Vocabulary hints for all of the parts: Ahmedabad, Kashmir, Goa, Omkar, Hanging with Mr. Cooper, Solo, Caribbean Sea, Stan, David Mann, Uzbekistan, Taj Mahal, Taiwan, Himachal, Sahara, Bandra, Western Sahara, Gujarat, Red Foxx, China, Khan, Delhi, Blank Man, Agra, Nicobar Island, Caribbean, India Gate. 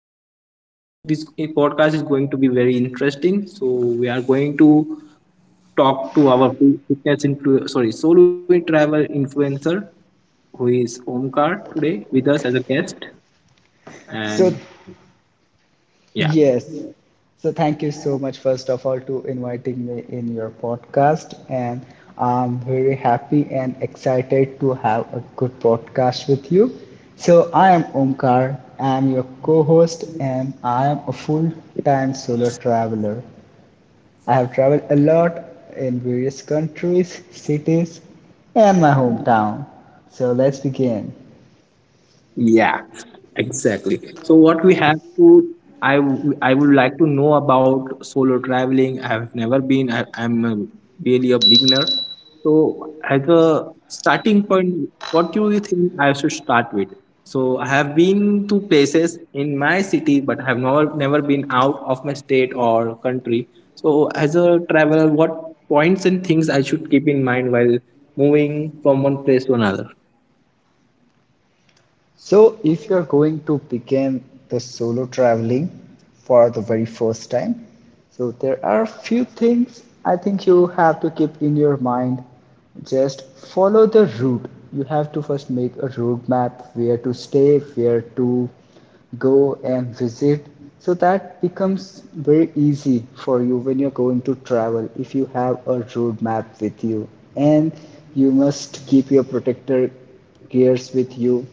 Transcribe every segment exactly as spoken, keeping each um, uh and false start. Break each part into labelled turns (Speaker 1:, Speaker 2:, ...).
Speaker 1: and this is this podcast is going to be very interesting. So we are going to talk to our fitness into sorry solo travel influencer who is Omkar today with us as a guest,
Speaker 2: So,
Speaker 1: and yeah.
Speaker 2: yes. So, thank you so much, first of all, to inviting me in your podcast. And I'm very happy and excited to have a good podcast with you. So, I am Omkar, I'm your co host, and I am a full time solo traveler. I have traveled a lot in various countries, cities, and my hometown. So, let's begin.
Speaker 1: Yeah, exactly. So what we have to, I w- I would like to know about solo traveling. I have never been. I, I'm a, really a beginner. So as a starting point, what do you think I should start with? So I have been to places in my city, but I have never never been out of my state or country. So as a traveler, what points and things I should keep in mind while moving from one place to another?
Speaker 2: So, if you're going to begin the solo traveling for the very first time, so there are a few things I think you have to keep in your mind. Just follow the route. You have to first make a roadmap where to stay, where to go and visit. So that becomes very easy for you when you're going to travel if you have a roadmap with you. And you must keep your protector gears with you,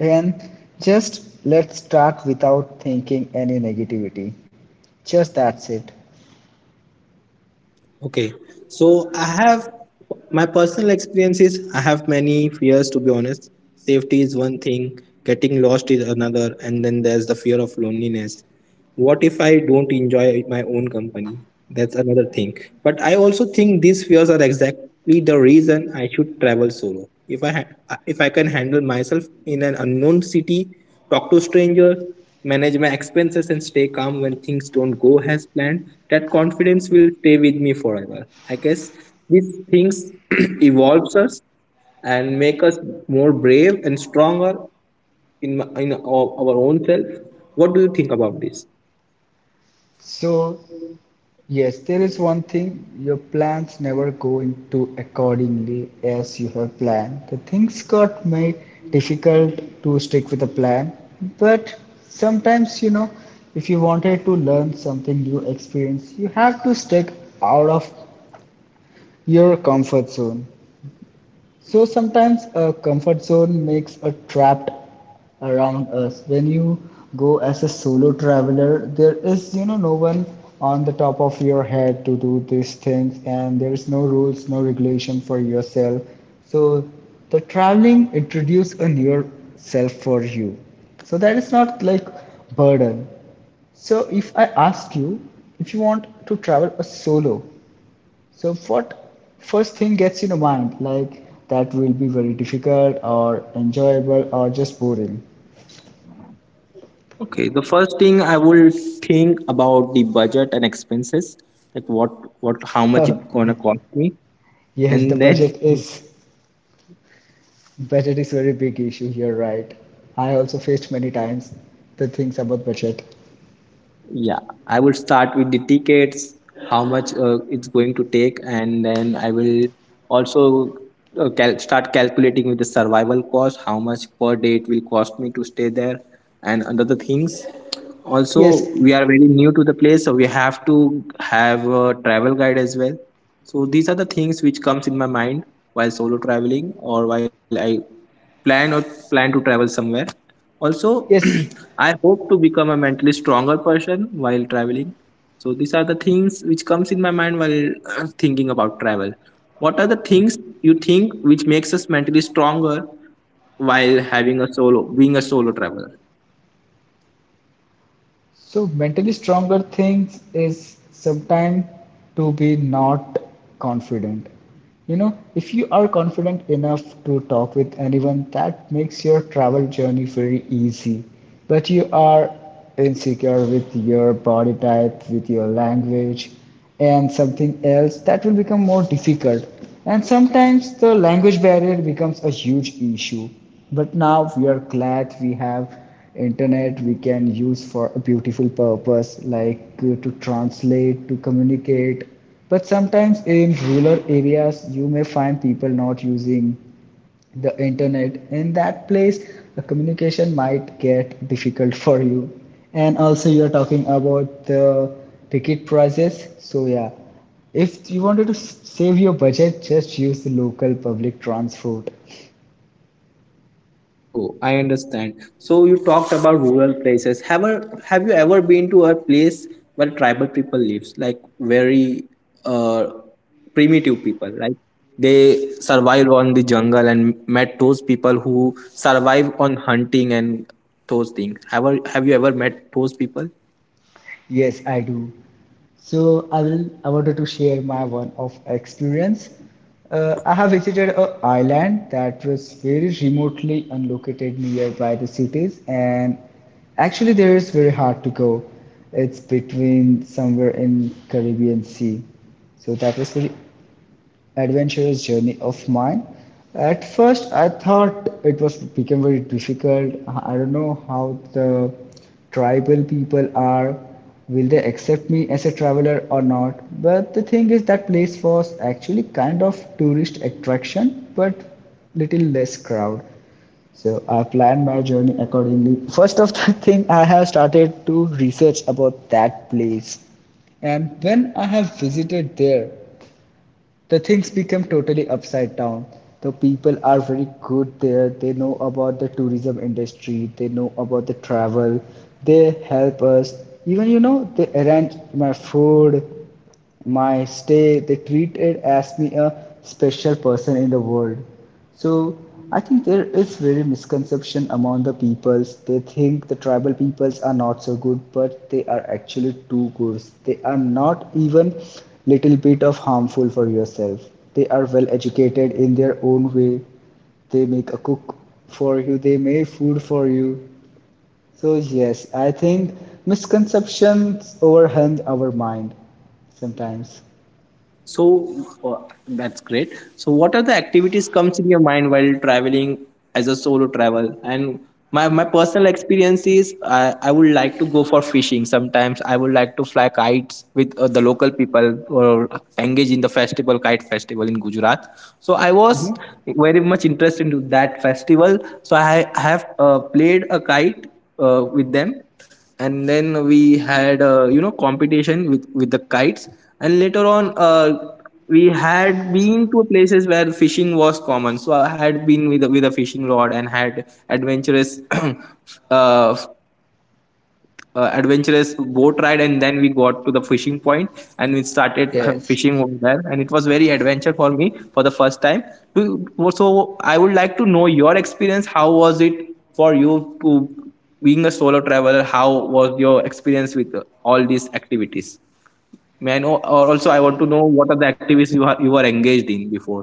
Speaker 2: and just let's start without thinking any negativity. Just that's it.
Speaker 1: Okay, so I have my personal experiences. I have many fears to be honest. Safety is one thing, getting lost is another, and then there's the fear of loneliness. What if I don't enjoy my own company? That's another thing. But I also think these fears are exactly the reason I should travel solo. If I ha- if I can handle myself in an unknown city, talk to strangers, manage my expenses, and stay calm when things don't go as planned, that confidence will stay with me forever. I guess these things evolves us and make us more brave and stronger in in our, our own self. What do you think about this?
Speaker 2: So, yes, there is one thing, your plans never go into accordingly as you have planned. The things got made difficult to stick with the plan, but sometimes you know, if you wanted to learn something new experience, you have to stick out of your comfort zone. So sometimes a comfort zone makes a trapped around us. When you go as a solo traveler, there is you know no one on the top of your head to do these things, and there is no rules, no regulation for yourself. So the traveling introduce a new self for you. So that is not like burden. So if I ask you if you want to travel a solo, so what first thing gets in your mind, like that will be very difficult or enjoyable or just boring?
Speaker 1: Okay, the first thing I will think about the budget and expenses, like what what how much it gonna cost me,
Speaker 2: Yes, the
Speaker 1: and then
Speaker 2: budget is budget is very big issue. Here, right. I also faced many times the things about budget.
Speaker 1: yeah, I will start with the tickets, how much uh, it's going to take, and then I will also uh, cal- start calculating with the survival cost, how much per day it will cost me to stay there, and other things.
Speaker 2: Yes,
Speaker 1: Also, we are very new to the place, so we have to have a travel guide as well. So these are the things which comes in my mind while solo traveling or while I plan or plan to travel somewhere. Also,
Speaker 2: yes.
Speaker 1: I hope to become a mentally stronger person while traveling. So these are the things which comes in my mind while uh, thinking about travel. What are the things you think which makes us mentally stronger while having a solo being a solo traveler?
Speaker 2: So mentally stronger things is sometimes to be not confident. You know, if you are confident enough to talk with anyone, that makes your travel journey very easy. But you are insecure with your body type, with your language, and something else that will become more difficult. And sometimes the language barrier becomes a huge issue. But now we are glad we have internet we can use for a beautiful purpose like uh, to translate, to communicate, but sometimes in rural areas you may find people not using the internet in that place. The communication might get difficult for you. And also you are talking about the ticket prices, so yeah, if you wanted to s- save your budget, just use the local public transport.
Speaker 1: Oh, I understand. So you talked about rural places. Have a, have you ever been to a place where tribal people lives, like very uh, primitive people, like they survive on the jungle and met those people who survive on hunting and those things. Have, have you ever met those people?
Speaker 2: Yes, I do. So I will. I wanted to share my one of experience. Uh, I have visited a island that was very remotely unlocated nearby the cities, and actually there is very hard to go. It's between somewhere in Caribbean Sea, so that was very adventurous journey of mine. At first, I thought it was became very difficult. I don't know how the tribal people are. Will they accept me as a traveler or not? But the thing is, that place was actually kind of tourist attraction, but little less crowd. So I planned my journey accordingly. First of the thing, I have started to research about that place. And when I have visited there, the things become totally upside down. The people are very good there. They know about the tourism industry, they know about the travel, they help us. Even you know, they arrange my food, my stay, they treat it as me a special person in the world. So I think there is very misconception among the peoples. They think the tribal peoples are not so good, but they are actually too good. They are not even little bit of harmful for yourself. They are well educated in their own way. They make a cook for you. They make food for you. So yes, I think misconceptions overwhelm our mind sometimes.
Speaker 1: So uh, that's great. So what are the activities comes in your mind while traveling as a solo travel? And my, my personal experience is I, I would like to go for fishing. Sometimes I would like to fly kites with uh, the local people or engage in the festival kite festival in Gujarat. So I was
Speaker 2: Mhm.
Speaker 1: very much interested in that festival. So I have uh, played a kite uh, with them, and then we had uh, you know competition with with the kites, and later on uh, we had been to places where fishing was common. So I had been with a- with a fishing rod and had adventurous uh, uh, adventurous boat ride, and then we got to the fishing point, and we started uh,
Speaker 2: Yes.
Speaker 1: fishing over there, and it was very adventure for me for the first time. To- so i would like to know your experience, how was it for you to being a solo traveler, how was your experience with uh, all these activities? May I know? Or also I want to know, what are the activities you are you were engaged in before?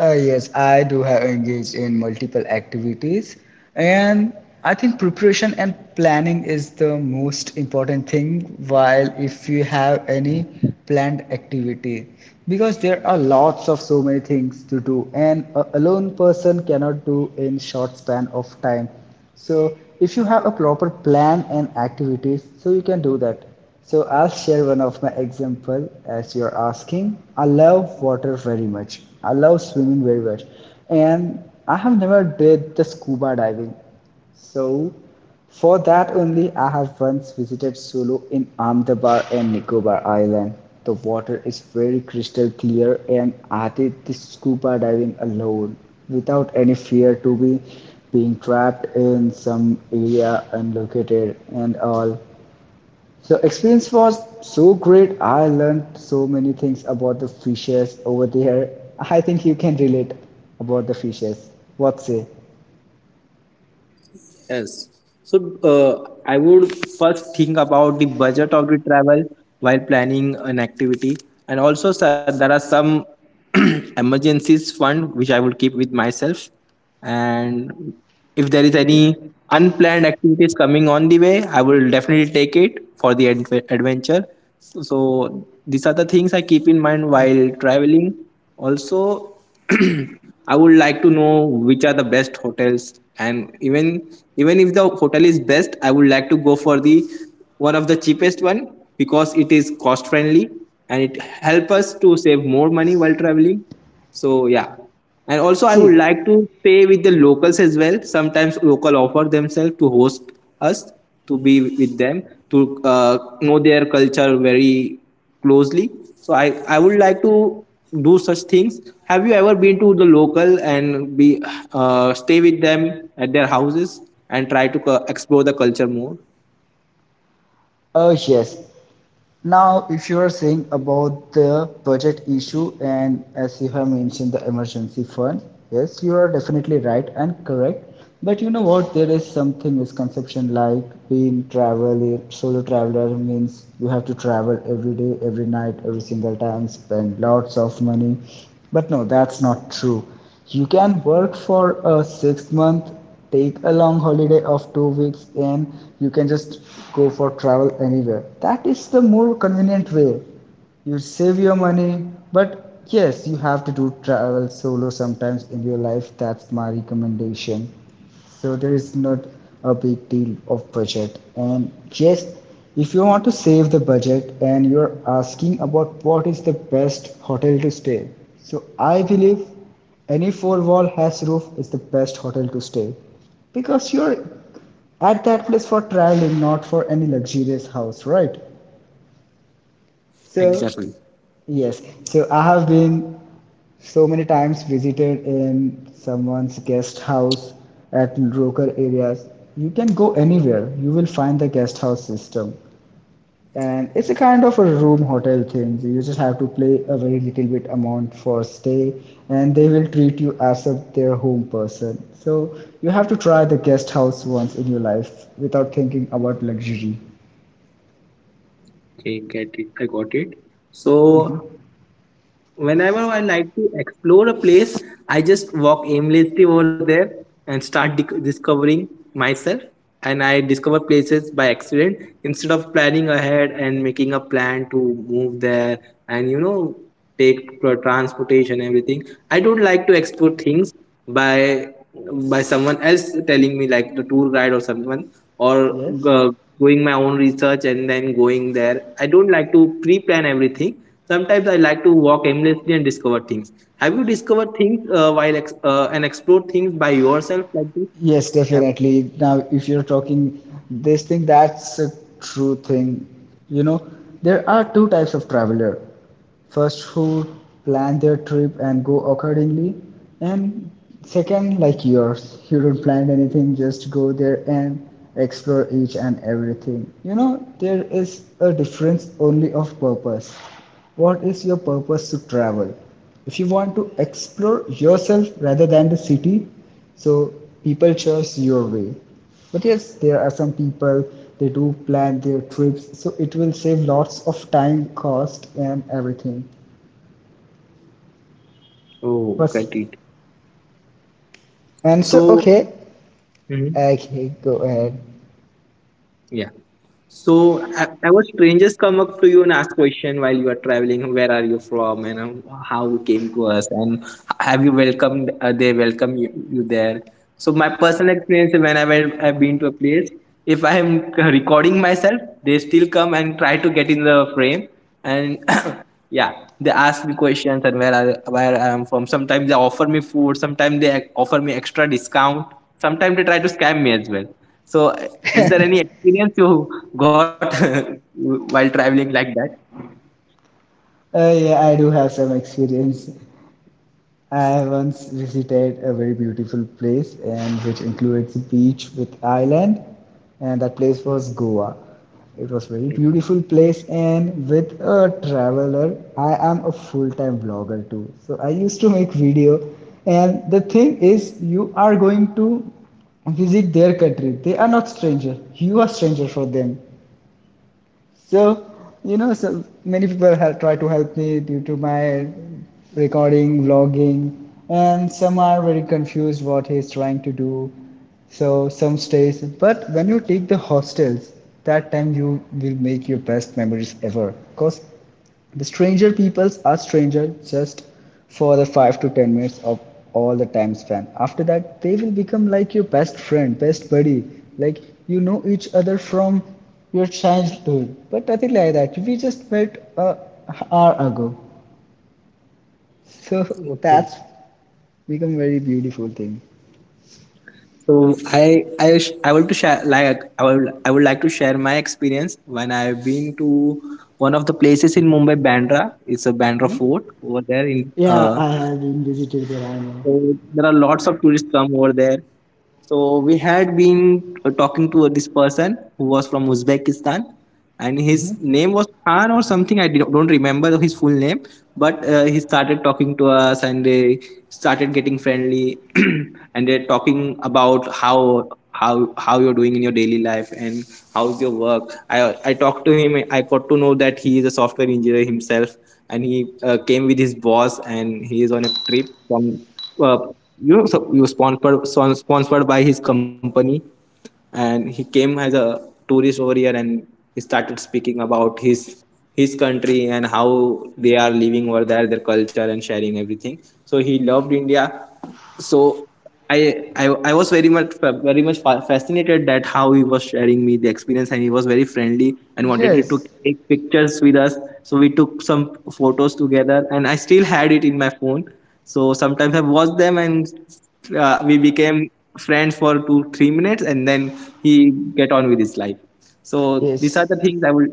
Speaker 2: Uh, yes, I do have engaged in multiple activities, and I think preparation and planning is the most important thing while if you have any planned activity, because there are lots of so many things to do and a alone person cannot do in short span of time. So if you have a proper plan and activities, so you can do that. So I'll share one of my example as you're asking. I love water very much. I love swimming very much, and I have never did the scuba diving. So for that only, I have once visited Solo in Ahmedabad and Nicobar Island. The water is very crystal clear, and I did this scuba diving alone without any fear to be being trapped in some area unlocated and all. So experience was so great. I learned so many things about the fishes over there. I think you can relate about the fishes. What say?
Speaker 1: Yes. So uh, I would first think about the budget of the travel while planning an activity, and also sir, there are some emergencies fund which I will keep with myself, and if there is any unplanned activities coming on the way, I will definitely take it for the adve- adventure. So, so these are the things I keep in mind while traveling. Also, I would like to know which are the best hotels, and even even if the hotel is best, I would like to go for the one of the cheapest one because it is cost friendly and it help us to save more money while traveling. So yeah, and also I
Speaker 2: See,
Speaker 1: would like to stay with the locals as well. Sometimes local offer themselves to host us, to be with them, to uh, know their culture very closely. So I, I would like to do such things. Have you ever been to the local and be uh, stay with them at their houses and try to co- explore the culture more?
Speaker 2: oh yes. Now, if you are saying about the budget issue, and as you have mentioned the emergency fund, yes, you are definitely right and correct. But you know what? There is something misconception like being traveler, solo traveler means you have to travel every day, every night, every single time, spend lots of money. But no, that's not true. You can work for a six month, take a long holiday of two weeks, and you can just go for travel anywhere. That is the more convenient way, you save your money. But yes, you have to do travel solo sometimes in your life, that's my recommendation. So there is not a big deal of budget. And yes, if you want to save the budget and you're asking about what is the best hotel to stay, so I believe any four wall has roof is the best hotel to stay, because you're at that place for traveling, not for any luxurious house, right? So,
Speaker 1: Exactly.
Speaker 2: yes. So I have been so many times visited in someone's guest house at local areas. You can go anywhere. You will find the guest house system, and it's a kind of a room hotel thing. You just have to pay a very little bit amount for stay, and they will treat you as if their home person. So you have to try the guest house once in your life without thinking about luxury.
Speaker 1: Okay, get it. I got it. So whenever I like to explore a place, I just walk aimlessly over there and start dic- discovering myself. And I discover places by accident instead of planning ahead and making a plan to move there, and you know, take pro- transportation, everything. I don't like to explore things by by someone else telling me, like, the tour guide or someone, or
Speaker 2: Yes.
Speaker 1: uh, doing my own research and then going there. I don't like to pre-plan everything. Sometimes I like to walk aimlessly and discover things. Have you discovered things, uh, while ex- uh, and explored things by yourself like this?
Speaker 2: Yes,
Speaker 1: Have-
Speaker 2: definitely. Now, if you're talking this thing, that's a true thing. You know, there are two types of traveler. First, who plan their trip and go accordingly, and second, like yours, you don't plan anything, just go there and explore each and everything. You know, there is a difference only of purpose. What is your purpose to travel? If you want to explore yourself rather than the city, so people choose your way. But yes, there are some people, they do plan their trips, so it will save lots of time, cost and everything.
Speaker 1: oh,
Speaker 2: But
Speaker 1: great.
Speaker 2: and so
Speaker 1: So,
Speaker 2: okay,
Speaker 1: mhm.
Speaker 2: okay, go ahead.
Speaker 1: Yeah. So, e- ever strangers come up to you and ask question while you are traveling, where are you from, and um, how you came to us, and have you welcomed, uh, they welcome you, you there. So, my personal experience, when I went, I've been to a place, if I am recording myself, they still come and try to get in the frame and yeah, they ask me questions, and where i where i am from. Sometimes they offer me food, sometimes they offer me extra discount, sometimes they try to scam me as well. So, is there any experience you got while traveling like that?
Speaker 2: Uh, yeah, I do have some experience. I once visited a very beautiful place and which includes beach with island, and that place was Goa. It was very beautiful
Speaker 1: Mhm.
Speaker 2: place, and with a traveler I am a full-time vlogger too. So I used to make video. And the thing is you are going to visit their country. They are not stranger. You are stranger for them. So, you know, so many people have tried to help me due to my recording, vlogging, and some are very confused what he's trying to do. So some stays, but when you take the hostels, that time you will make your best memories ever. Cause the stranger peoples are stranger just for the five to ten minutes of all the time span. After that, they will become like your best friend, best buddy. Like you know each other from your childhood, but nothing like that. We just met a hour ago, so
Speaker 1: Okay.
Speaker 2: that's become very beautiful thing.
Speaker 1: So I I sh- I want to share, like, I would I would like to share my experience when I've been to one of the places in Mumbai Bandra. It's a Bandra fort over there in
Speaker 2: Yeah,
Speaker 1: uh,
Speaker 2: I have been visited there, I know.
Speaker 1: So there are lots of tourists come over there. So we had been uh, talking to this person who was from Uzbekistan, and
Speaker 2: Mm-hmm.
Speaker 1: his name was Khan or something. I did, don't remember his full name, but uh, he started talking to us, and they started getting friendly, and they're talking about how how how you're doing in your daily life and how's your work. I I talked to him. I got to know that he is a software engineer himself, and he uh, came with his boss, and he is on a trip from uh, you know, so you sponsored so- sponsored by his company, and he came as a tourist over here, and he started speaking about his his country and how they are living over there, their culture, and sharing everything. So he loved India. So I, I I was very much very much fa- fascinated that how he was sharing me the experience, and he was very friendly and wanted to
Speaker 2: Yes,
Speaker 1: take pictures with us. So we took some photos together, and I still had it in my phone. So sometimes I watched them, and uh, we became friends for two three minutes, and then he get on with his life. So these
Speaker 2: yes.
Speaker 1: are the things I would,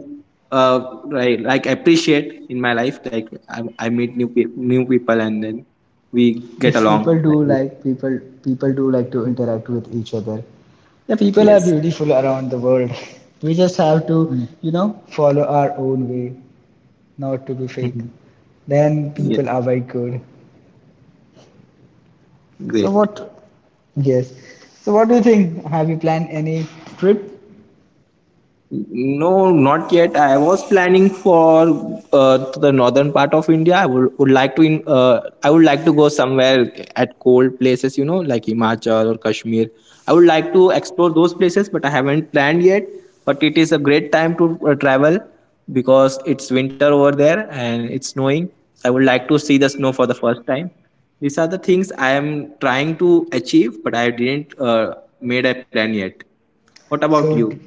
Speaker 1: uh right, like, appreciate in my life. Like, i, I meet new pe- new people, and then we get
Speaker 2: Yes, people
Speaker 1: along
Speaker 2: do
Speaker 1: like this.
Speaker 2: like people people do like to interact with each other. The people are
Speaker 1: Yes.
Speaker 2: beautiful around the world. We just have to, you know, follow our own way, not to be fake.
Speaker 1: Mhm.
Speaker 2: Then
Speaker 1: Yes.
Speaker 2: people are very good. So
Speaker 1: Great.
Speaker 2: what? Yes. So what do you think? Have you planned any trip?
Speaker 1: No, not yet. I was planning for uh, to the northern part of India. I would, would like to in, uh, I would like to go somewhere at cold places, you know, like Himachal or Kashmir. I would like to explore those places, but I haven't planned yet. But it is a great time to uh, travel because it's winter over there and it's snowing. I would like to see the snow for the first time. These are the things I am trying to achieve, but I didn't uh, made a plan yet. What about
Speaker 2: So
Speaker 1: you?
Speaker 2: d-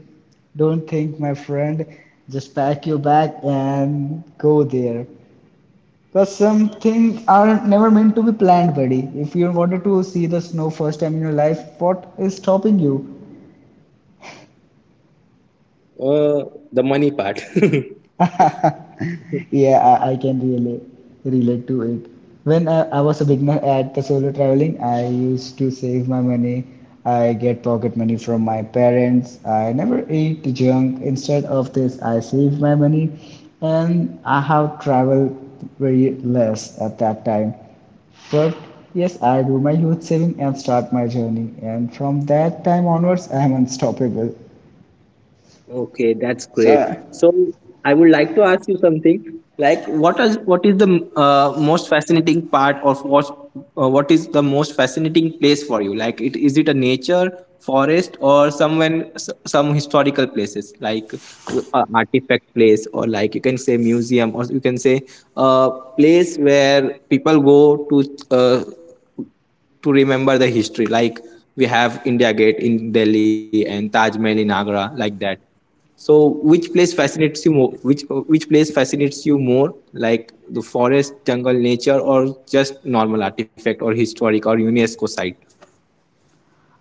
Speaker 2: don't think, my friend. Just pack your bag and go there. Because some things are never meant to be planned, buddy. If you wanted to see the snow first time in your life, what is stopping you?
Speaker 1: Uh, the money part.
Speaker 2: Yeah, I, I can really relate to it. When I, I was a beginner at the solo traveling, I used to save my money. I get pocket money from my parents. I never eat junk. Instead of this, I save my money, and I have traveled very less at that time. But yes, I do my youth saving and start my journey. And from that time onwards, I am unstoppable.
Speaker 1: Okay, that's
Speaker 2: So
Speaker 1: great. So I would like to ask you something. Like, what is what is the uh, most fascinating part of what uh, what is the most fascinating place for you? Like, it is it a nature, forest, or someone s- some historical places like uh, artifact place, or like you can say museum, or you can say a place where people go to uh, to remember the history. Like we have India Gate in Delhi and Taj Mahal in Agra, like that. So, which place fascinates you more? Which which place fascinates you more? Like the forest, jungle, nature, or just normal artifact or historic or UNESCO site?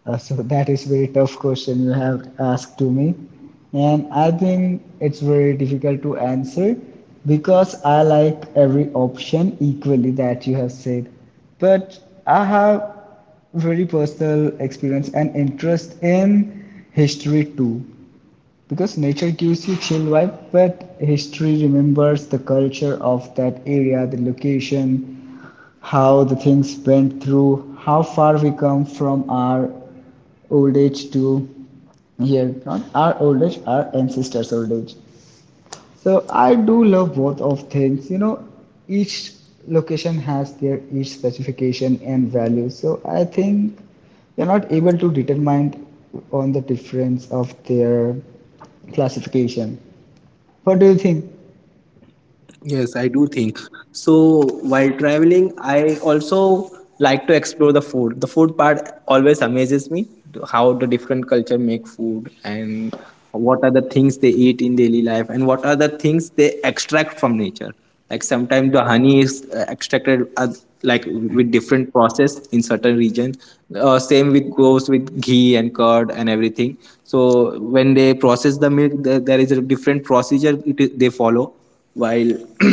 Speaker 2: Uh, so that is very tough question you have asked to me, and I think it's very difficult to answer because I like every option equally that you have said. But I have very personal experience and interest in history too, because nature gives you chill vibe but history remembers the culture of that area, the location, how the things went through, how far we come from our old age to here, not our old age, our ancestors' old age. So I do love both of things. You know, each location has their each specification and value. So I think we are not able to determine on the difference of their classification. What do you think,
Speaker 1: Yes, I do think. So while traveling, I also like to explore the food. The food part always amazes me, how the different culture make food and what are the things they eat in daily life and what are the things they extract from nature. Like sometimes the honey is uh, extracted as, like with different process in certain region. Uh, same with goes with ghee and curd and everything. So when they process the milk, there, there is a different procedure it, is- they follow while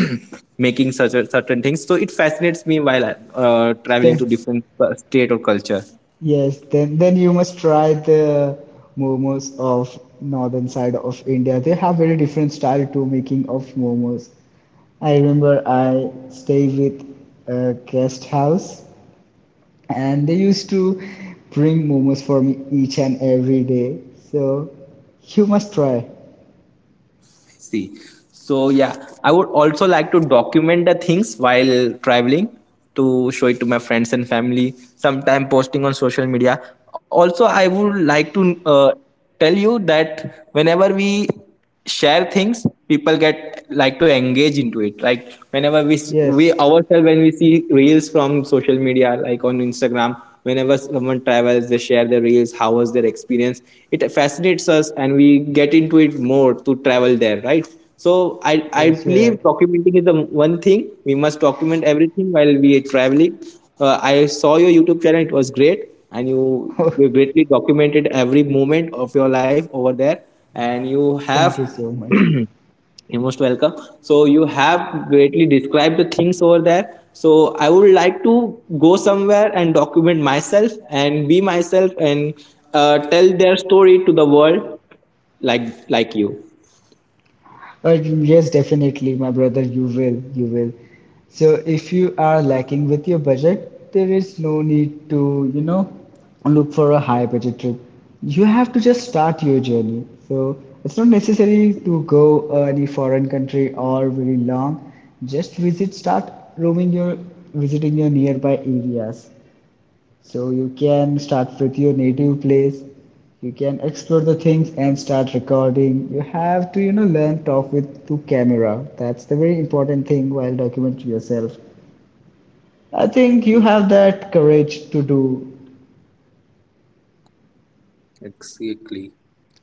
Speaker 1: making such a, certain things. So it fascinates me while uh, traveling
Speaker 2: Stan?
Speaker 1: to different uh, state or culture.
Speaker 2: Yes, then then you must try the momos of northern side of India. They have very different style to making of momos. I remember I stay with a guest house and they used to bring momos for me each and every day. So you must try.
Speaker 1: See, so yeah, I would also like to document the things while traveling to show it to my friends and family. Sometime posting on social media. Also, I would like to uh, tell you that whenever we share things, people get like to engage into it, like whenever we s- we
Speaker 2: Yes,
Speaker 1: ourselves, when we see reels from social media, like on Instagram, whenever someone travels, they share their reels, how was their experience. It fascinates us and we get into it more to travel there, right? So i i
Speaker 2: yes, you're
Speaker 1: believe
Speaker 2: right.
Speaker 1: documenting is the one thing. We must document everything while we are traveling. Uh, i saw your YouTube channel. It was great and you you greatly documented every moment of your life over there, and you have
Speaker 2: thank you so much.
Speaker 1: you're most welcome. So you have greatly described the things over there. So I would like to go somewhere and document myself and be myself and uh, tell their story to the world, like like you.
Speaker 2: Uh, yes, definitely, my brother, you will, you will. So if you are lacking with your budget, there is no need to, you know, look for a high budget trip. You have to just start your journey. So it's not necessary to go uh, any foreign country or very long. Just visit, start roaming your, visiting your nearby areas. So you can start with your native place. You can explore the things and start recording. You have to, you know, learn talk with to camera. That's the very important thing while documenting yourself. I think you have that courage to do.
Speaker 1: Exactly.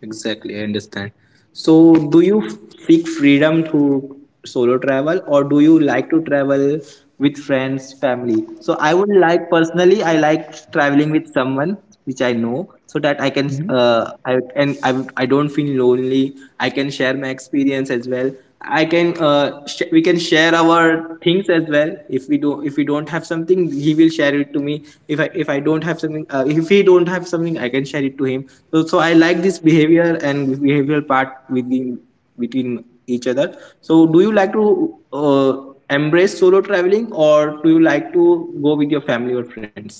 Speaker 1: Exactly. I understand. So, do you seek freedom through solo travel or do you like to travel with friends, family? So, I would like personally, I like traveling with someone which I know, so that I can,
Speaker 2: Mhm.
Speaker 1: uh, I and I, I don't feel lonely. I can share my experience as well. I can uh, sh- we can share our things as well. If we do if we don't have something, he will share it to me. If I if I don't have something, uh, if he don't have something, I can share it to him. So so I like this behavior and behavioral part within between each other. So do you like to uh, embrace solo traveling or do you like to go with your family or friends?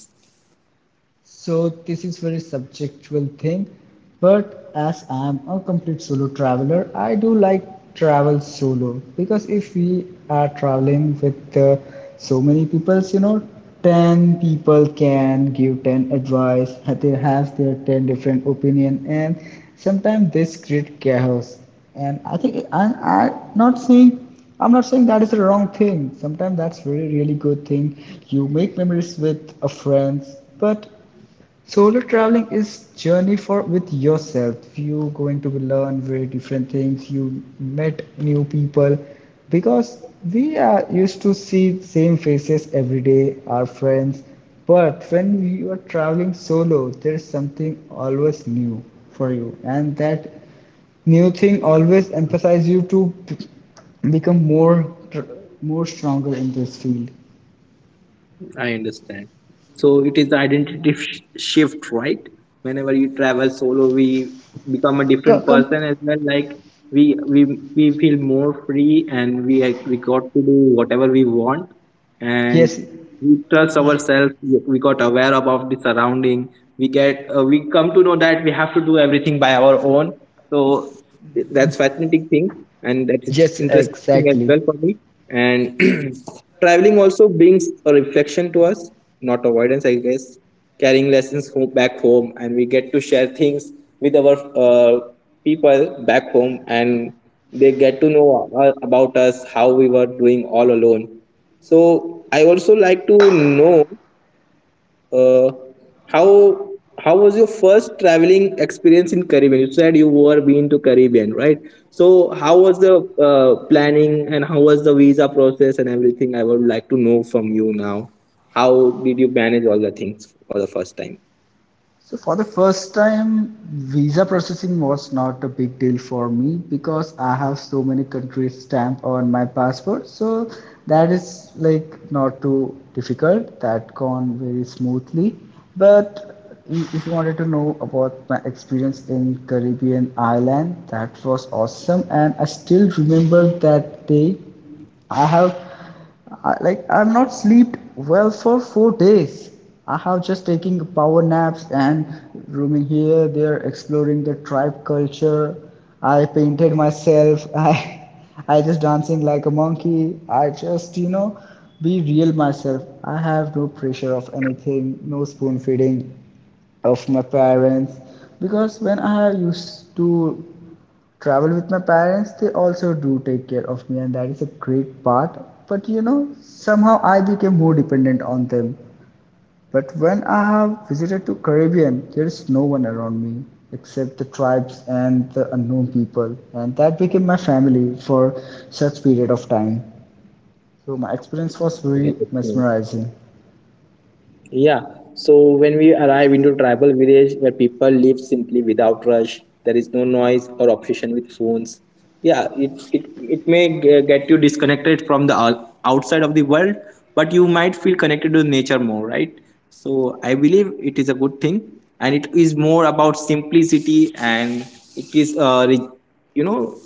Speaker 2: So this is very subjectual thing, but as I'm a complete solo traveler, I do like travel solo, because if we are traveling with uh, so many people, you know, ten people can give ten advice, they have their ten different opinion, and sometimes this create chaos. And I think, and I'm not saying I'm not saying that is the wrong thing. Sometimes that's really really good thing. You make memories with a friends, but solo traveling is journey for with yourself. You going to be learn very different things. You met new people because we are used to see same faces every day, our friends. But when you are traveling solo, there is something always new for you, and that new thing always emphasizes you to become more more stronger in this field.
Speaker 1: I understand. So it is the identity sh- shift, right? Whenever you travel solo, we become a
Speaker 2: Co-
Speaker 1: different
Speaker 2: Come,
Speaker 1: person as well. Like we we we feel more free, and we like, we got to do whatever we want, and
Speaker 2: yes,
Speaker 1: we trust ourselves. We, we got aware about the surrounding. We get uh, we come to know that we have to do everything by our own. So that's fascinating thing, and that's int-
Speaker 2: yes,
Speaker 1: interesting thing as
Speaker 2: exactly.
Speaker 1: well for me, and traveling also brings a reflection to us, not avoidance, I guess, carrying lessons home, back home, and we get to share things with our uh, people back home, and they get to know a- about us, how we were doing all alone. So I also like to know, uh, how how was your first traveling experience in Caribbean? You said you were been to Caribbean, right? So how was the uh, planning and how was the visa process and everything? I would like to know from you now. How did you manage all the things for the first time?
Speaker 2: So for the first time, visa processing was not a big deal for me because I have so many countries stamp on my passport. So that is like not too difficult. That gone very smoothly. But if you wanted to know about my experience in Caribbean island, that was awesome, and I still remember that day. I have I, like I've not slept well for four days. I have just taking power naps and roaming here, there, exploring the tribe culture. I painted myself. I, I just dancing like a monkey. I just, you know, be real myself. I have no pressure of anything, no spoon feeding of my parents, because when I used to travel with my parents, they also do take care of me, and that is a great part. But you know, somehow I became more dependent on them. But when I have visited to Caribbean, there is no one around me except the tribes and the unknown people, and that became my family for such period of time. So my experience was very mesmerizing.
Speaker 1: Yeah. So when we arrive into tribal village where people live simply without rush, there is no noise or obsession with phones. Yeah, it it, it may g- get you disconnected from the ou- outside of the world, but you might feel connected to nature more, right? So I believe it is a good thing and it is more about simplicity, and it is uh, re- you know,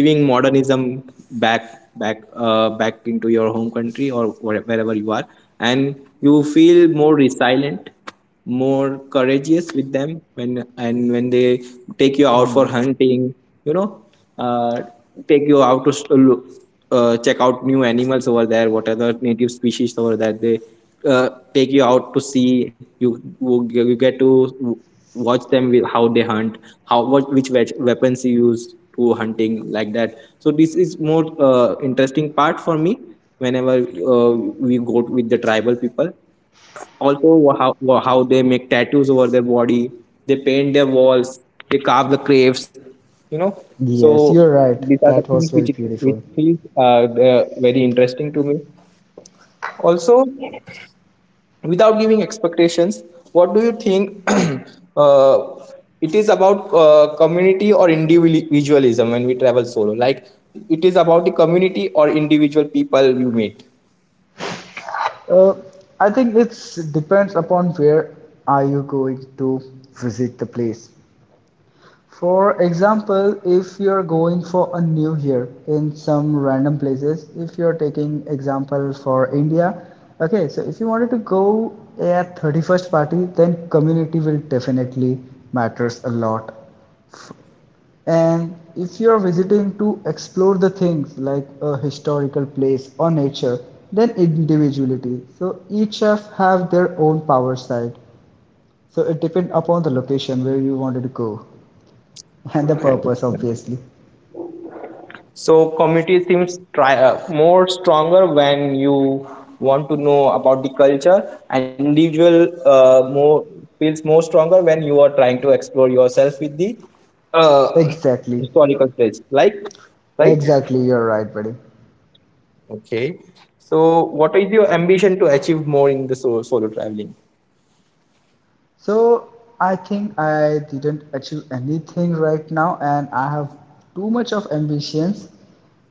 Speaker 1: living modernism, back back uh, back into your home country or where- wherever you are, and you feel more resilient, more courageous with them when and when they take you out for hunting, you know, uh, take you out to s- uh, uh, check out new animals over there, what other native species over there. They uh, take you out to see. You you you get to watch them with how they hunt, how what which wea- weapons you use to hunting, like that. So this is more uh, interesting part for me whenever uh, we go with the tribal people. Also, wha- how wha- how they make tattoos over their body, they paint their walls, they carve the graves, you know. So
Speaker 2: Yes, you're right.
Speaker 1: these are the
Speaker 2: That
Speaker 1: things
Speaker 2: was
Speaker 1: which
Speaker 2: very
Speaker 1: which
Speaker 2: beautiful.
Speaker 1: feels uh, they're very interesting to me. Also, without giving expectations, what do you think? uh, it is about uh, community or individualism when we travel solo, like it is about the community or individual people you meet?
Speaker 2: Uh, I think it depends upon where are you going to visit the place. For example, if you're going for a new year in some random places, if you're taking example for India, okay, so if you wanted to go at thirty-first party, then community will definitely matters a lot, and if you are visiting to explore the things like a historical place or nature, then individuality. So each chef have their own power side. So it depends upon the location where you wanted to go and the purpose obviously.
Speaker 1: So community seems try, uh, more stronger when you want to know about the culture, and individual uh, more feels more stronger when you are trying to explore yourself with the uh,
Speaker 2: Exactly.
Speaker 1: historical place, like, right?
Speaker 2: Exactly, you're right, buddy.
Speaker 1: Okay, so what is your ambition to achieve more in the so- solo traveling?
Speaker 2: So I think I didn't achieve anything right now, and I have too much of ambitions.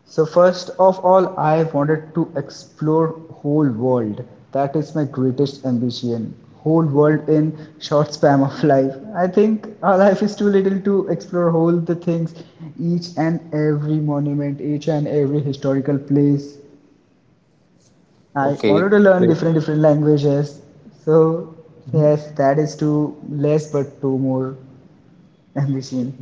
Speaker 2: So first of all, I wanted to explore whole world. That is my greatest ambition. Whole world in short span of life. I think our life is too little to explore all the things, each and every monument, each and every historical place. I
Speaker 1: Okay,
Speaker 2: wanted to learn
Speaker 1: great.
Speaker 2: different different languages. So yes, that is too less but too more ambition.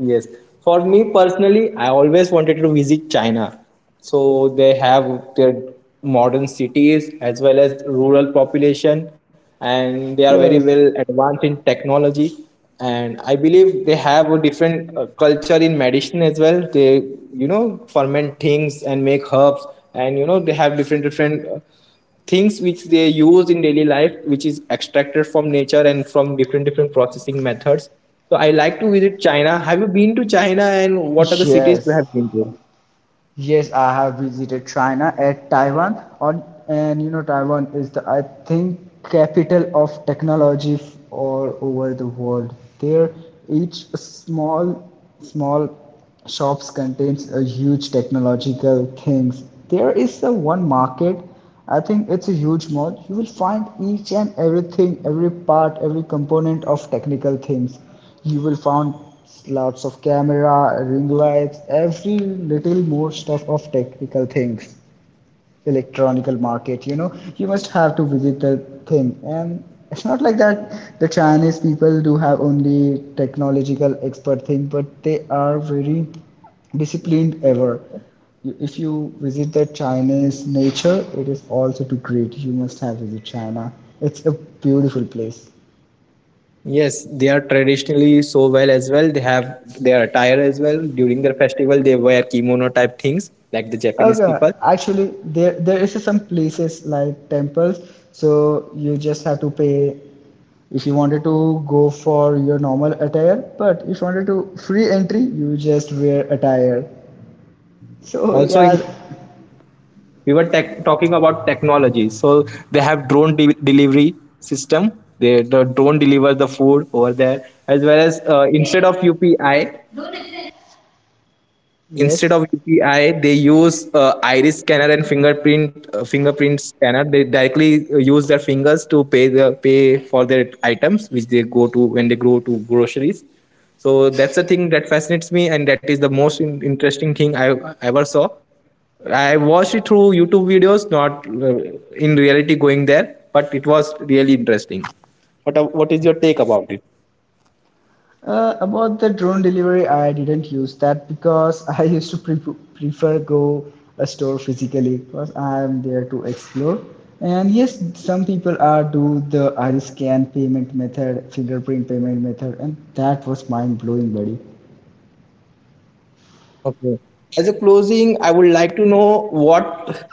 Speaker 1: Yes. For me personally, I always wanted to visit China. So they have their modern cities as well as rural population, and they are very well
Speaker 2: Yes.
Speaker 1: advanced in technology, and I believe they have a different uh, culture in medicine as well. They, you know, ferment things and make herbs, and you know they have different different uh, things which they use in daily life, which is extracted from nature and from different different processing methods. So I like to visit China. Have you been to China, and what are the cities you
Speaker 2: Yes.
Speaker 1: have been to?
Speaker 2: Yes, I have visited China at Taiwan on, and you know Taiwan is the, I think, capital of technology f- all over the world. There each small small shops contains a huge technological things. There is a one market, I think it's a huge mall. You will find each and everything, every part, every component of technical things. You will find lots of camera, ring lights, every little more stuff of technical things, electronical market. You know, you must have to visit the thing, and it's not like that. The Chinese people do have only technological expert thing, but they are very disciplined ever. If you visit the Chinese nature, it is also too great. You must have visit China. It's a beautiful place.
Speaker 1: Yes, they are traditionally so well as well. They have their attire as well. During their festival, they wear kimono type things like the Japanese
Speaker 2: Okay,
Speaker 1: people.
Speaker 2: actually, there there is some places like temples, so you just have to pay if you wanted to go for your normal attire, but if you wanted to free entry, you just wear attire. So
Speaker 1: Also,
Speaker 2: yeah,
Speaker 1: in, we were tech, talking about technology. So they have drone de- delivery system. They, the drone delivers the food over there, as well as uh, instead of upi instead
Speaker 2: yes.
Speaker 1: of U P I, they use uh, iris scanner and fingerprint uh, fingerprint scanner. They directly uh, use their fingers to pay the pay for their items, which they go to when they go to groceries. So that's the thing that fascinates me, and that is the most in- interesting thing I ever saw. I watched it through YouTube videos, not uh, in reality going there, but it was really interesting. What uh, what is your take about it?
Speaker 2: Uh, about the drone delivery, I didn't use that because I used to pre- prefer go a store physically because I am there to explore. And yes, some people are do the iris scan payment method, fingerprint payment method, and that was mind blowing, buddy.
Speaker 1: As a closing, I would like to know what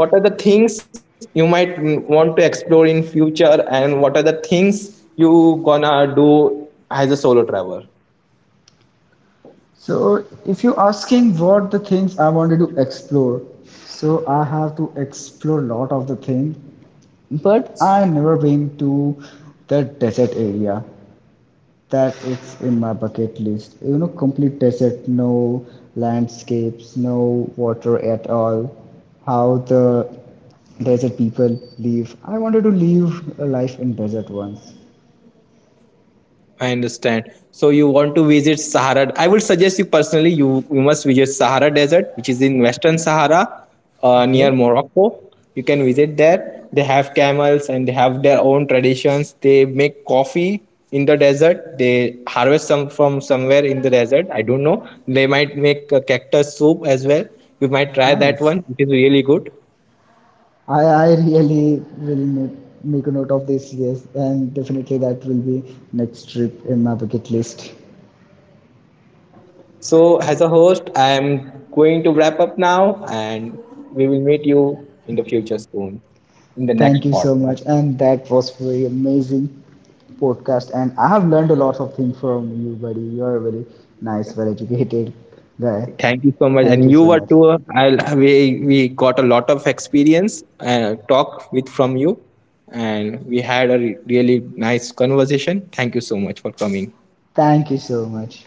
Speaker 1: what are the things you might mm, want to explore in future, and what are the things you gonna do as a solo traveler?
Speaker 2: So if you're asking what the things I wanted to explore, so I have to explore lot of the thing, but I never been to the desert area. That it's in my bucket list. You know, complete desert, no landscapes, no water at all. How the desert people live. I wanted to live a life in desert once.
Speaker 1: I understand. So you want to visit Sahara. I would suggest you personally, you, you must visit Sahara Desert, which is in Western Sahara, uh, near
Speaker 2: Okay,
Speaker 1: Morocco. You can visit there. They have camels and they have their own traditions. They make coffee in the desert. They harvest some from somewhere in the desert. I don't know. They might make a cactus soup as well. You might try that
Speaker 2: nice.
Speaker 1: one. It is really good.
Speaker 2: I I really will make a note of this. Yes, and definitely that will be next trip in my bucket list.
Speaker 1: Yeah. So, as a host, I am going to wrap up now, and we will meet you in the future soon in the next
Speaker 2: Thank you so
Speaker 1: podcast.
Speaker 2: much. And that was very amazing podcast. And I have learned a lot of things from you, buddy. You are a very nice, well educated guy.
Speaker 1: Thank you so much.
Speaker 2: Thank
Speaker 1: And
Speaker 2: you
Speaker 1: you
Speaker 2: so
Speaker 1: were
Speaker 2: much.
Speaker 1: too. I we we got a lot of experience and talk with from you, and we had a re- really nice conversation. Thank you so much for coming.
Speaker 2: Thank you so much.